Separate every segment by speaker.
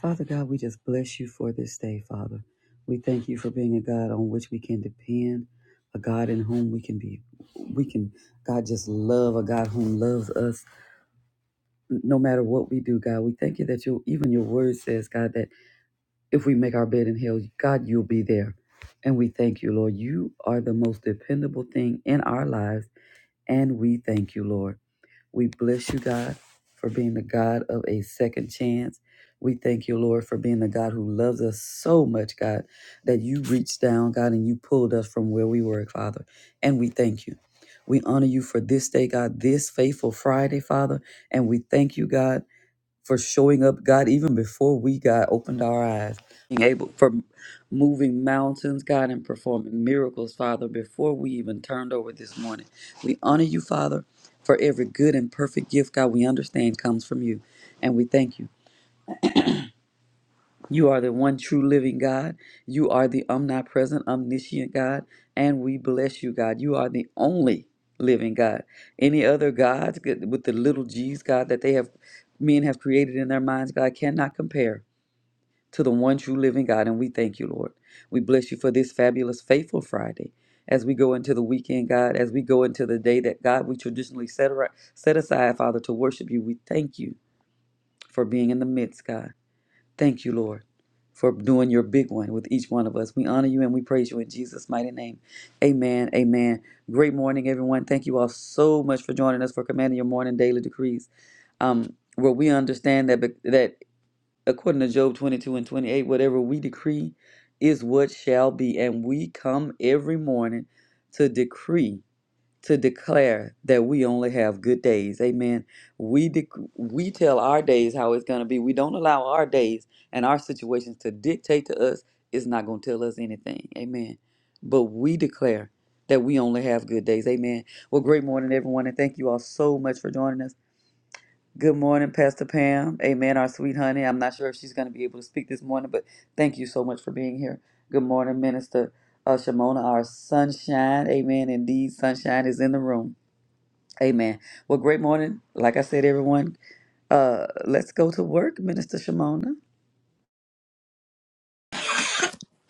Speaker 1: Father God, we just bless you for this day, Father. We thank you for being a God on which we can depend, a God in whom we can be, we can, God, just love, a God whom loves us no matter what we do, God. We thank you that you, even your word says, God, that if we make our bed in hell, God, you'll be there. And we thank you, Lord. You are the most dependable thing in our lives, and we thank you, Lord. We bless you, God, for being the God of a second chance. We thank you, Lord, for being the God who loves us so much, God, that you reached down, God, and you pulled us from where we were, Father. And we thank you. We honor you for this day, God, this faithful Friday, Father. And we thank you, God for showing up, God, even before we, God, opened our eyes, being able for moving mountains, God, and performing miracles, Father, before we even turned over this morning. We honor you, Father, for every good and perfect gift, God, we understand comes from you. And we thank you. You are the one true living God. You are the omnipresent, omniscient God. And we bless you, God. You are the only living God. Any other gods with the little g's, God, that they have men have created in their minds, God, cannot compare to the one true living God. And we thank you, Lord. We bless you for this fabulous, faithful Friday. As we go into the weekend, God, as we go into the day that God we traditionally set, ar- set aside, Father, to worship you, we thank you for being in the midst, God. Thank you, Lord, for doing your big one with each one of us. We honor you and we praise you in Jesus' mighty name. Amen. Amen. Great morning, everyone. Thank you all so much for joining us for Commanding Your Morning Daily Decrees. Um, where we understand that that according to Job 22 and 28, whatever we decree is what shall be. And we come every morning to decree, to declare that we only have good days. Amen. We dec- we tell our days how it's going to be. We don't allow our days and our situations to dictate to us. It's not going to tell us anything. Amen. But we declare that we only have good days. Amen. Well, great morning, everyone. And thank you all so much for joining us. Good morning, Pastor Pam. Amen, our sweet honey. I'm not sure if she's going to be able to speak this morning, but thank you so much for being here. Good morning, Minister uh, Shimona, our sunshine. Amen. Indeed, sunshine is in the room. Amen. Well, great morning. Like I said, everyone, uh, let's go to work, Minister Shimona.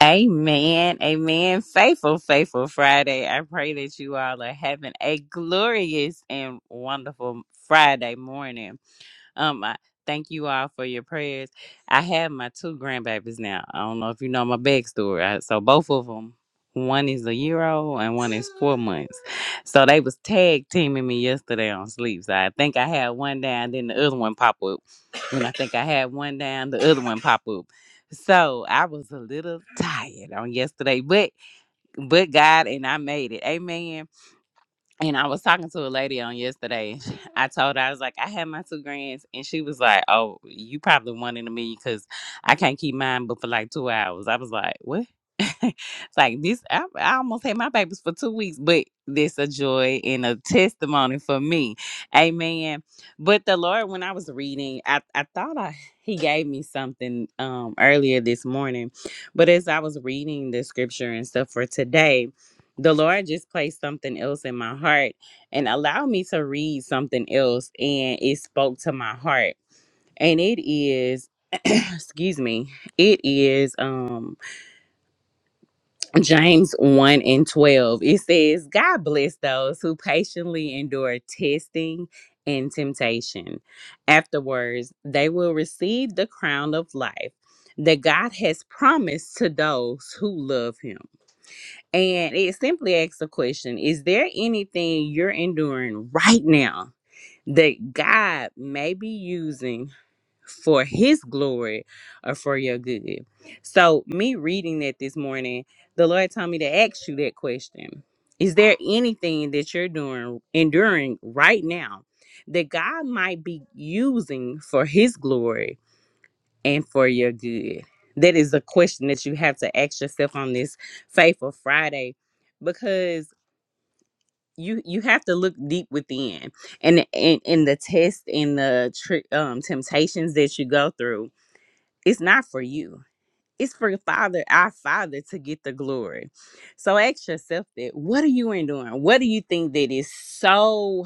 Speaker 2: Amen. Amen. Faithful, faithful Friday. I pray that you all are having a glorious and wonderful Friday morning. Um, I thank you all for your prayers. I have my two grandbabies now. I don't know if you know my backstory. I, so both of them, one is a year old and one is four months. So they was tag teaming me yesterday on sleep. So I think I had one down, then the other one popped up when I think I had one down, the other one pop up. So I was a little tired on yesterday, but but God and I made it. Amen and I was talking to a lady on yesterday. I told her I was like, I had my two grands, and she was like, "Oh, you probably one in a million because I can't keep mine, but for like two hours." I was like, "What?" it's like this. I, I almost had my babies for two weeks, but this a joy and a testimony for me, Amen. But the Lord, when I was reading, I I thought I He gave me something um earlier this morning, but as I was reading the scripture and stuff for today the Lord just placed something else in my heart and allowed me to read something else, and it spoke to my heart. And it is, excuse me, it is um James 1 and 12. It says, God bless those who patiently endure testing and temptation. Afterwards, they will receive the crown of life that God has promised to those who love him. And it simply asks the question Is there anything you're enduring right now that God may be using for his glory or for your good? So, me reading that this morning, the Lord told me to ask you that question Is there anything that you're doing, enduring right now that God might be using for his glory? and for your good? That is a question that you have to ask yourself on this faithful Friday because you you have to look deep within and and, and the test and the tri- um, temptations that you go through it's not for you it's for your father our father to get the glory so ask yourself that what are you enduring what do you think that is so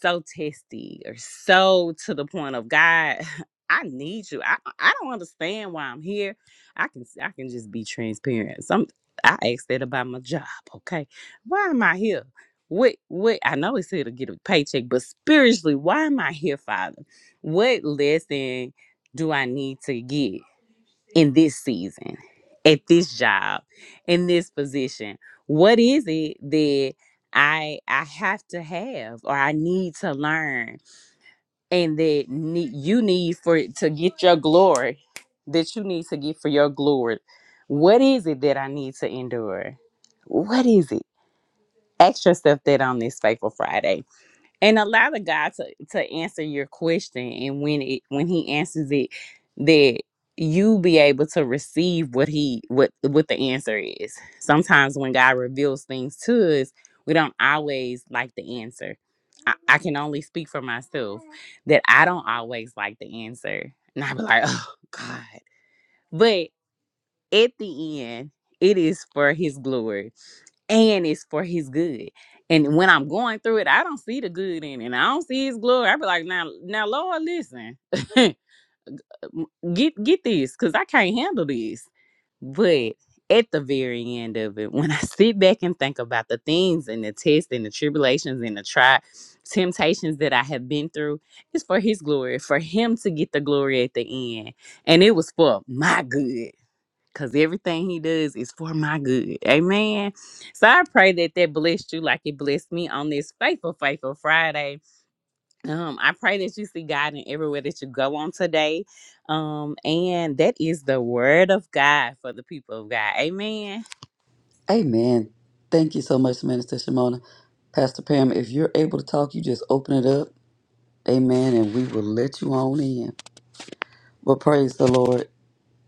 Speaker 2: so testy or so to the point of God, I need you. I I don't understand why I'm here. I can I can just be transparent. Some I asked that about my job. Okay, why am I here? What what I know it's here to get a paycheck, but spiritually, why am I here, Father? What lesson do I need to get? in this season, at this job, in this position? What is it that I I have to have or I need to learn and that ne- you need for it to get your glory that you need to get for your glory? What is it that I need to endure? What is it? Ask yourself that on this Faithful Friday and allow the God to, to answer your question and when it when he answers it that you be able to receive what he what what the answer is sometimes when god reveals things to us we don't always like the answer i, I can only speak for myself that i don't always like the answer and i be like oh god But at the end, it is for his glory and it's for his good. And when I'm going through it, I don't see the good in it. and I don't see his glory. I be like, now, now, Lord, listen, get get this, cause I can't handle this. But at the very end of it, when I sit back and think about the things and the tests and the tribulations and the try temptations that I have been through, it's for his glory, for him to get the glory at the end. And it was for my good because everything he does is for my good. Amen. So I pray that that blessed you like it blessed me on this faithful, faithful Friday. Um, I pray that you see God in everywhere that you go on today. Um, and that is the word of God for the people of God. Amen.
Speaker 1: Amen. Thank you so much, Minister Shimona. Pastor Pam, if you're able to talk, you just open it up. Amen. And we will let you on in. But praise the Lord.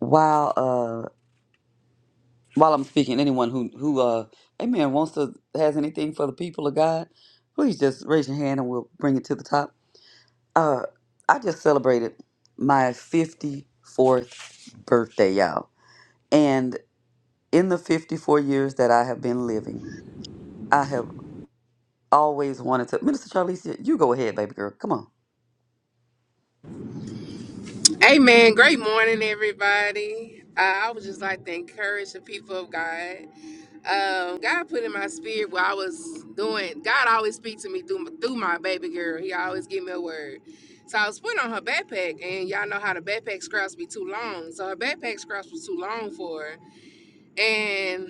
Speaker 1: Wow. while I'm speaking, anyone who who uh Amen wants to has anything for the people of God, please just raise your hand and we'll bring it to the top. Uh I just celebrated my fifty fourth birthday, y'all. And in the fifty four years that I have been living, I have always wanted to Minister Charlize, you go ahead, baby girl. Come on.
Speaker 3: Hey man, great morning, everybody. Uh, I would just like to encourage the people of God. Um, God put in my spirit what I was doing. God always speaks to me through, through my baby girl. He always give me a word. So I was putting on her backpack, and y'all know how the backpack straps be too long. So her backpack straps was too long for her. And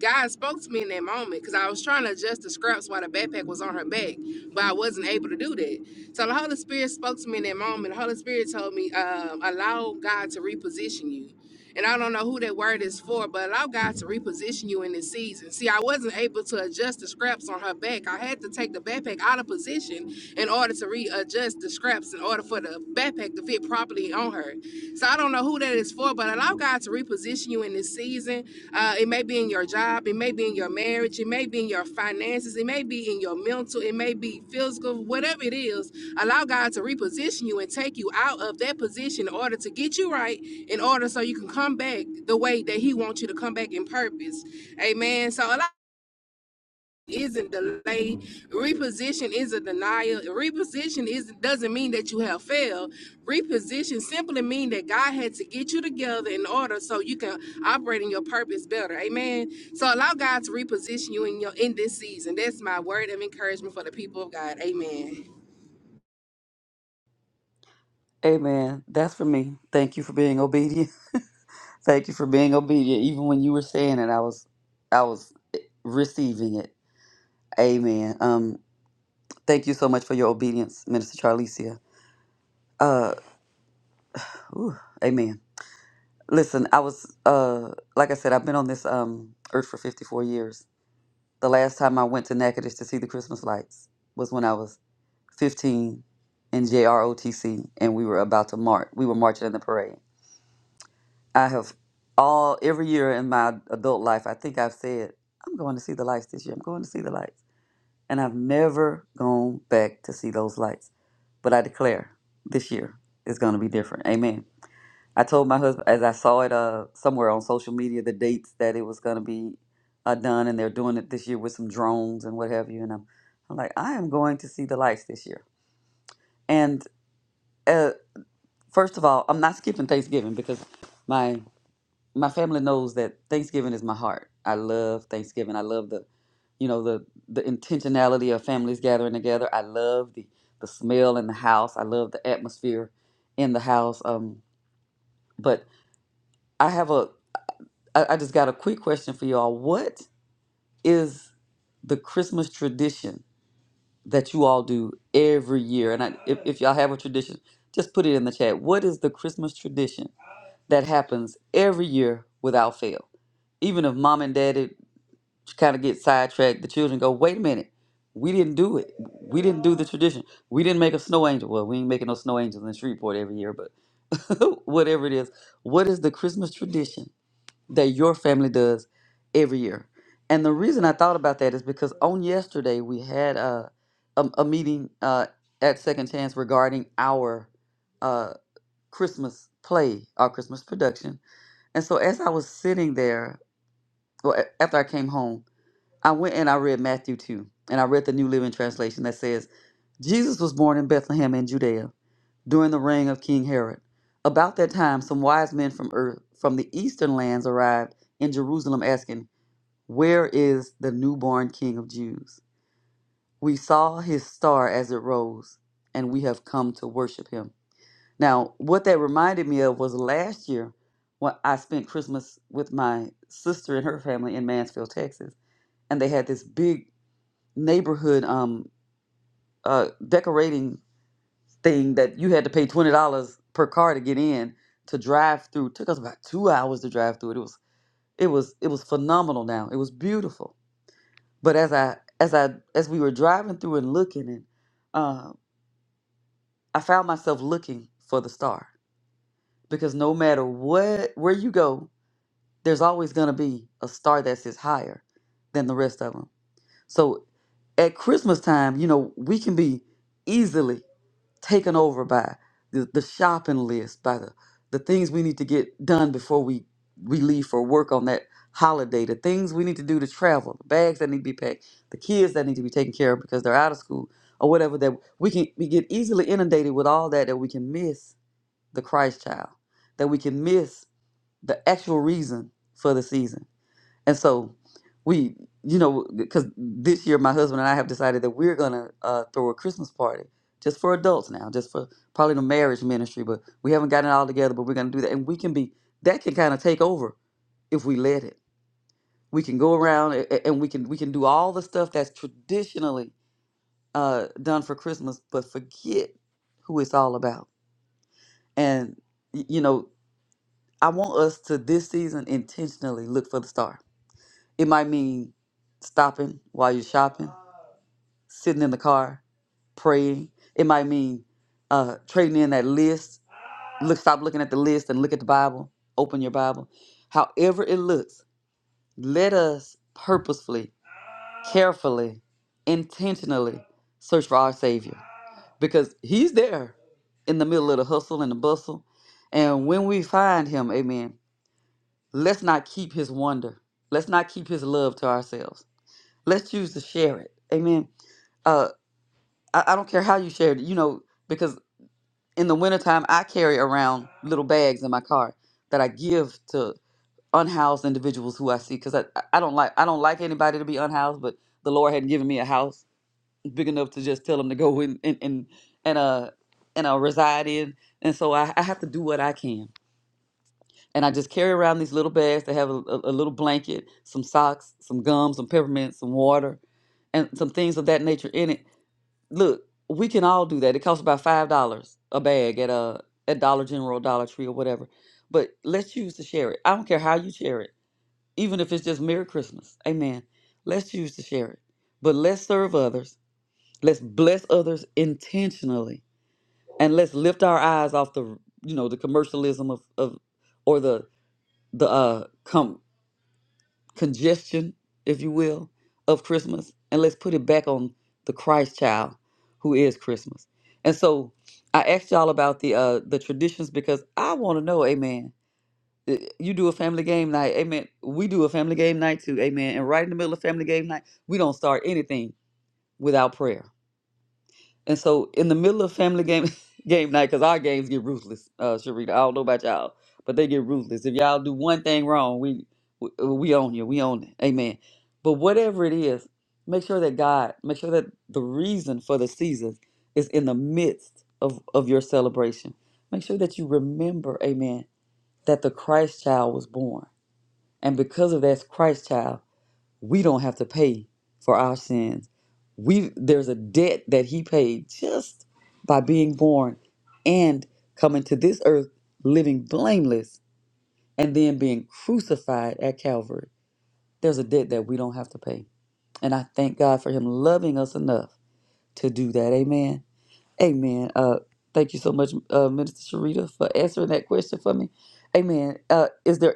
Speaker 3: God spoke to me in that moment because I was trying to adjust the scraps while the backpack was on her back, but I wasn't able to do that. So the Holy Spirit spoke to me in that moment. The Holy Spirit told me, um, allow God to reposition you. And I don't know who that word is for, but allow God to reposition you in this season. See, I wasn't able to adjust the scraps on her back. I had to take the backpack out of position in order to readjust the scraps in order for the backpack to fit properly on her. So I don't know who that is for, but allow God to reposition you in this season. Uh, it may be in your job, it may be in your marriage, it may be in your finances, it may be in your mental, it may be physical, whatever it is. Allow God to reposition you and take you out of that position in order to get you right, in order so you can come back the way that He wants you to come back in purpose. Amen. So allow isn't delay. Reposition is a denial. Reposition is doesn't mean that you have failed. Reposition simply means that God had to get you together in order so you can operate in your purpose better. Amen. So allow God to reposition you in your in this season. That's my word of encouragement for the people of God. Amen.
Speaker 1: Amen. That's for me. Thank you for being obedient. Thank you for being obedient. Even when you were saying it, I was I was receiving it. Amen. Um Thank you so much for your obedience, Minister Charlesia. Uh, ooh, amen. Listen, I was uh, like I said, I've been on this um earth for 54 years. The last time I went to Natchitoches to see the Christmas lights was when I was 15 in JROTC, and we were about to march. We were marching in the parade. I have all every year in my adult life, I think I've said I'm going to see the lights this year. I'm going to see the lights, and I've never gone back to see those lights. But I declare this year is going to be different. Amen. I told my husband as I saw it uh, somewhere on social media the dates that it was going to be uh, done, and they're doing it this year with some drones and what have you. And I'm, I'm like, I am going to see the lights this year. And uh, first of all, I'm not skipping Thanksgiving because my my family knows that Thanksgiving is my heart. I love Thanksgiving. I love the, you know, the the intentionality of families gathering together. I love the the smell in the house. I love the atmosphere in the house. Um, but I have a, I, I just got a quick question for y'all. What is the Christmas tradition that you all do every year? And I, if, if y'all have a tradition, just put it in the chat. What is the Christmas tradition that happens every year without fail? Even if mom and daddy She kind of get sidetracked. The children go, wait a minute, we didn't do it. We didn't do the tradition. We didn't make a snow angel. Well, we ain't making no snow angels in Shreveport every year, but whatever it is, what is the Christmas tradition that your family does every year? And the reason I thought about that is because on yesterday we had a a, a meeting uh, at Second Chance regarding our uh, Christmas play, our Christmas production. And so as I was sitting there, well, a- after I came home, I went and I read Matthew 2, and I read the New Living Translation that says, Jesus was born in Bethlehem in Judea during the reign of King Herod. About that time, some wise men from earth, from the eastern lands arrived in Jerusalem asking, Where is the newborn King of Jews? We saw his star as it rose, and we have come to worship him. Now, what that reminded me of was last year when I spent Christmas with my sister and her family in Mansfield, Texas, and they had this big neighborhood um uh decorating thing that you had to pay twenty dollars per car to get in to drive through. took us about two hours to drive through it. It was it was it was phenomenal now. It was beautiful. But as I as I as we were driving through and looking and uh, I found myself looking for the star. Because no matter what where you go, there's always gonna be a star that sits higher than the rest of them. So at Christmas time, you know, we can be easily taken over by the, the shopping list, by the, the things we need to get done before we, we leave for work on that holiday, the things we need to do to travel, the bags that need to be packed, the kids that need to be taken care of because they're out of school or whatever that we can we get easily inundated with all that that we can miss the Christ child, that we can miss the actual reason for the season and so we, you know, because this year my husband and I have decided that we're going to uh, throw a Christmas party just for adults now, just for probably the marriage ministry, but we haven't gotten it all together, but we're going to do that. And we can be, that can kind of take over if we let it. We can go around a- a- and we can we can do all the stuff that's traditionally uh, done for Christmas, but forget who it's all about. And y- you know, I want us to this season intentionally look for the star It might mean stopping while you're shopping, sitting in the car, praying. It might mean uh, trading in that list. Look, stop looking at the list and look at the Bible. Open your Bible. However it looks, let us purposefully, carefully, intentionally search for our Savior because He's there in the middle of the hustle and the bustle. And when we find Him, amen, let's not keep His wonder. Let's not keep His love to ourselves. Let's choose to share it. Amen uh I, I don't care how you share it, you know, because in the wintertime I carry around little bags in my car that I give to unhoused individuals who I see because I, I I don't like I don't like anybody to be unhoused, but the Lord had not given me a house big enough to just tell them to go in and and and uh and uh reside in. And so I, I have to do what I can. And I just carry around these little bags that have a, a, a little blanket, some socks, some gum, some peppermint, some water, and some things of that nature in it Look, we can all do that. It costs about five dollars a bag at a at Dollar General, Dollar Tree, or whatever. But let's choose to share it. I don't care how you share it, even if it's just Merry Christmas. Amen. Let's choose to share it. But let's serve others. Let's bless others intentionally, and let's lift our eyes off the you know the commercialism of of or the the uh congestion, if you will, of Christmas, and let's put it back on the Christ child who is Christmas. And so I asked y'all about the uh the traditions because I want to know, amen. Uh, You do a family game night, amen. We do a family game night too, amen. And right in the middle of family game night, we don't start anything without prayer. And so in the middle of family game game night, because our games get ruthless, uh, Sharita. I don't know about y'all, but they get ruthless. If y'all do one thing wrong, we we, uh, we own you. We own it. Amen. But whatever it is, make sure that God, make sure that the reason for the season is in the midst of, of your celebration. Make sure that you remember, amen, that the Christ child was born. And because of that Christ child, we don't have to pay for our sins. We there's a debt that he paid just by being born and coming to this earth living blameless and then being crucified at Calvary. There's a debt that we don't have to pay. And I thank God for him loving us enough to do that. Amen. Amen. Uh thank you so much uh Minister Sharita for answering that question for me. Amen. Uh is there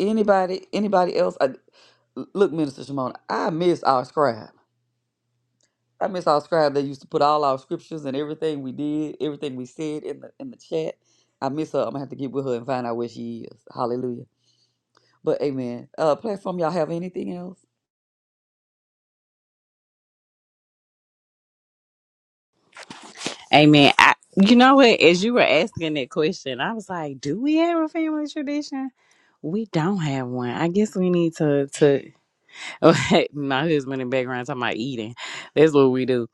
Speaker 1: anybody anybody else I, look Minister Shimon, I miss our scribe. I miss our scribe that used to put all our scriptures and everything we did, everything we said in the in the chat. I miss her. I'm gonna have to get with her and find out where she is. Hallelujah. But amen. Uh platform, y'all have anything else?
Speaker 2: Amen. I, you know what? As you were asking that question, I was like, do we have a family tradition? We don't have one. I guess we need to to Okay, my husband in the background talking about eating. That's what we do.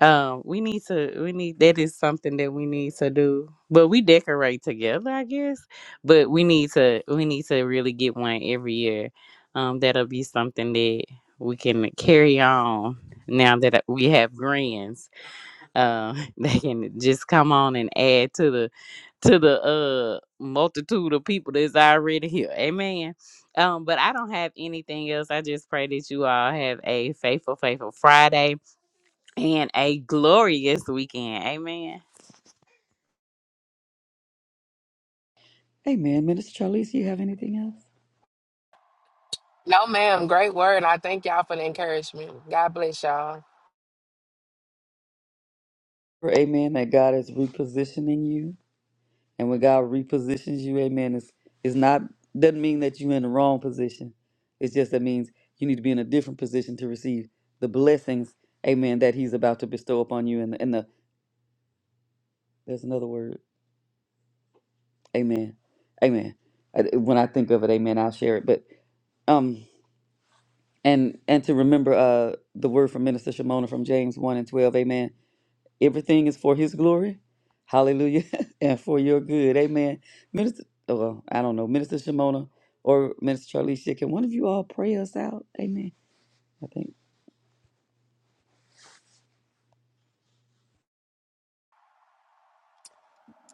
Speaker 2: Um, we need to. We need that is something that we need to do. But we decorate together, I guess. But we need to. We need to really get one every year. Um, that'll be something that we can carry on. Now that we have grands, uh, they can just come on and add to the to the uh multitude of people that's already here. Amen. Um, but I don't have anything else. I just pray that you all have a faithful, faithful Friday and a glorious weekend. Amen.
Speaker 1: Amen. Minister Charlize, you have anything else?
Speaker 3: No, ma'am. Great word. I thank y'all for the encouragement. God bless y'all.
Speaker 1: For amen, that God is repositioning you. And when God repositions you, amen, it's it's not doesn't mean that you're in the wrong position. It's just that means you need to be in a different position to receive the blessings, amen, that he's about to bestow upon you and, and the there's another word Amen. Amen. I- When I think of it, amen, I'll share it. But um and and to remember uh the word from Minister Shimona from James 1 and 12, amen. Everything is for his glory. Hallelujah. and for your good. Amen. Minister oh, well, I don't know, Minister Shimona or Minister Charlie Shick, can one of you all pray us out? Amen. I think.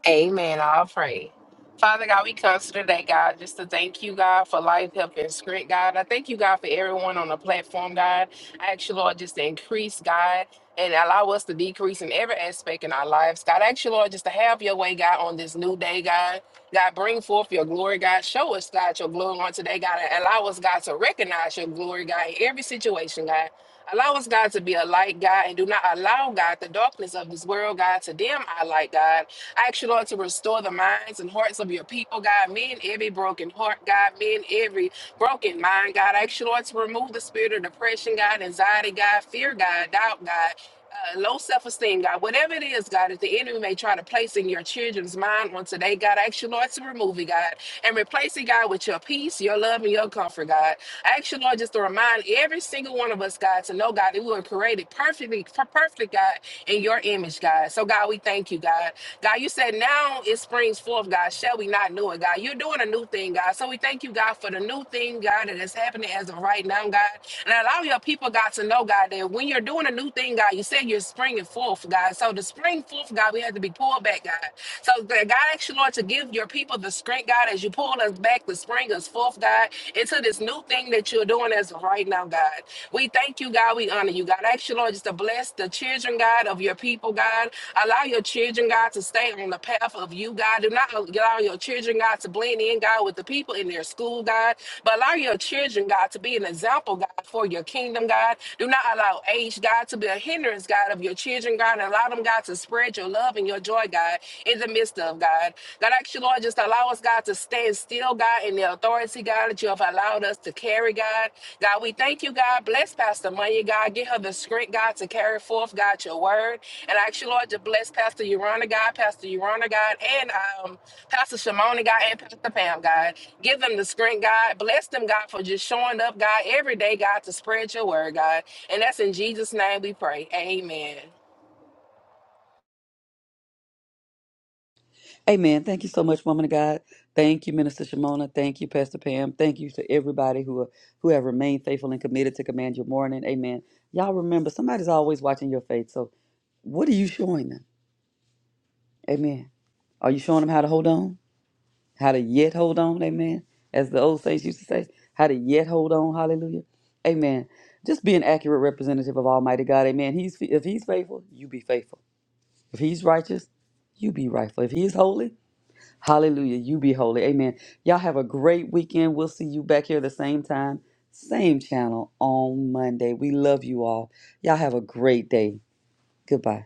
Speaker 3: Amen. I'll pray. Father God, we come to today, God, just to thank you, God, for life, help, and strength, God. I thank you, God, for everyone on the platform, God. I ask you, Lord, just to increase, God, and allow us to decrease in every aspect in our lives, God. I ask you, Lord, just to have your way, God, on this new day, God. God, bring forth your glory, God. Show us, God, your glory on today, God, and allow us, God, to recognize your glory, God, in every situation, God. Allow us, God, to be a light, God, and do not allow, God, the darkness of this world, God, to dim our light, God. I ask you, Lord, to restore the minds and hearts of your people, God. Men, every broken heart, God. Men, every broken mind, God. I ask you, Lord, to remove the spirit of depression, God, anxiety, God, fear, God, doubt, God uh, low self esteem, God, whatever it is, God, that the enemy may try to place in your children's mind on today, God, I ask you, Lord, to remove it, God, and replace it, God, with your peace, your love, and your comfort, God. I ask you, Lord, just to remind every single one of us, God, to know, God, that we were created perfectly, per- perfect, God, in your image, God. So, God, we thank you, God. God, you said now it springs forth, God. Shall we not know it, God? You're doing a new thing, God. God. So we thank you, God, for the new thing, God, that is happening as of right now, God. And allow your people, God, to know, God, that when you're doing a new thing, God, you said you're springing forth, God. So the spring forth, God, we have to be pulled back, God. So that God asked you, Lord, to give your people the strength, God, as you pull us back, the spring us forth, God, into this new thing that you're doing as of right now, God. We thank you, God. We honor you, God. I ask you, Lord, just to bless the children children, God, of your people, God. Allow your children, God, to stay on the path of you, God. Do not allow your children, God, to blend in, God, with the people in their school, God. But allow your children, God, to be an example, God, for your kingdom, God. Do not allow age, God, to be a hindrance, God, of your children, God. Allow them, God, to spread your love and your joy, God, in the midst of, God. God, actually, Lord, just allow us, God, to stand still, God, in and the authority, God, that you have allowed us to carry, God. God, we thank you, God. Bless Pastor Maya, God. Give her the strength, God, to carry forth, God, your word. And I ask you, Lord, to bless Pastor Urana, God, Pastor Urana, God, and um, Pastor Shimona, God, and Pastor Pam, God. Give them the strength, God. Bless them, God, for just showing up, God, every day, God, to spread your word, God. And that's in Jesus' name we pray. Amen.
Speaker 1: Amen. Thank you so much, woman of God. Thank you, Minister Shimona. Thank you, Pastor Pam. Thank you to everybody who who have remained faithful and committed to command your morning. Amen. Y'all remember, somebody's always watching your faith. So, what are you showing them? Amen. Are you showing them how to hold on? How to yet hold on? Amen. As the old saints used to say, how to yet hold on? Hallelujah. Amen. Just be an accurate representative of Almighty God. Amen. He's if He's faithful, you be faithful. If He's righteous, you be rightful. If He's holy, Hallelujah. You be holy. Amen. Y'all have a great weekend. We'll see you back here the same time, same channel on Monday. We love you all. Y'all have a great day. Goodbye.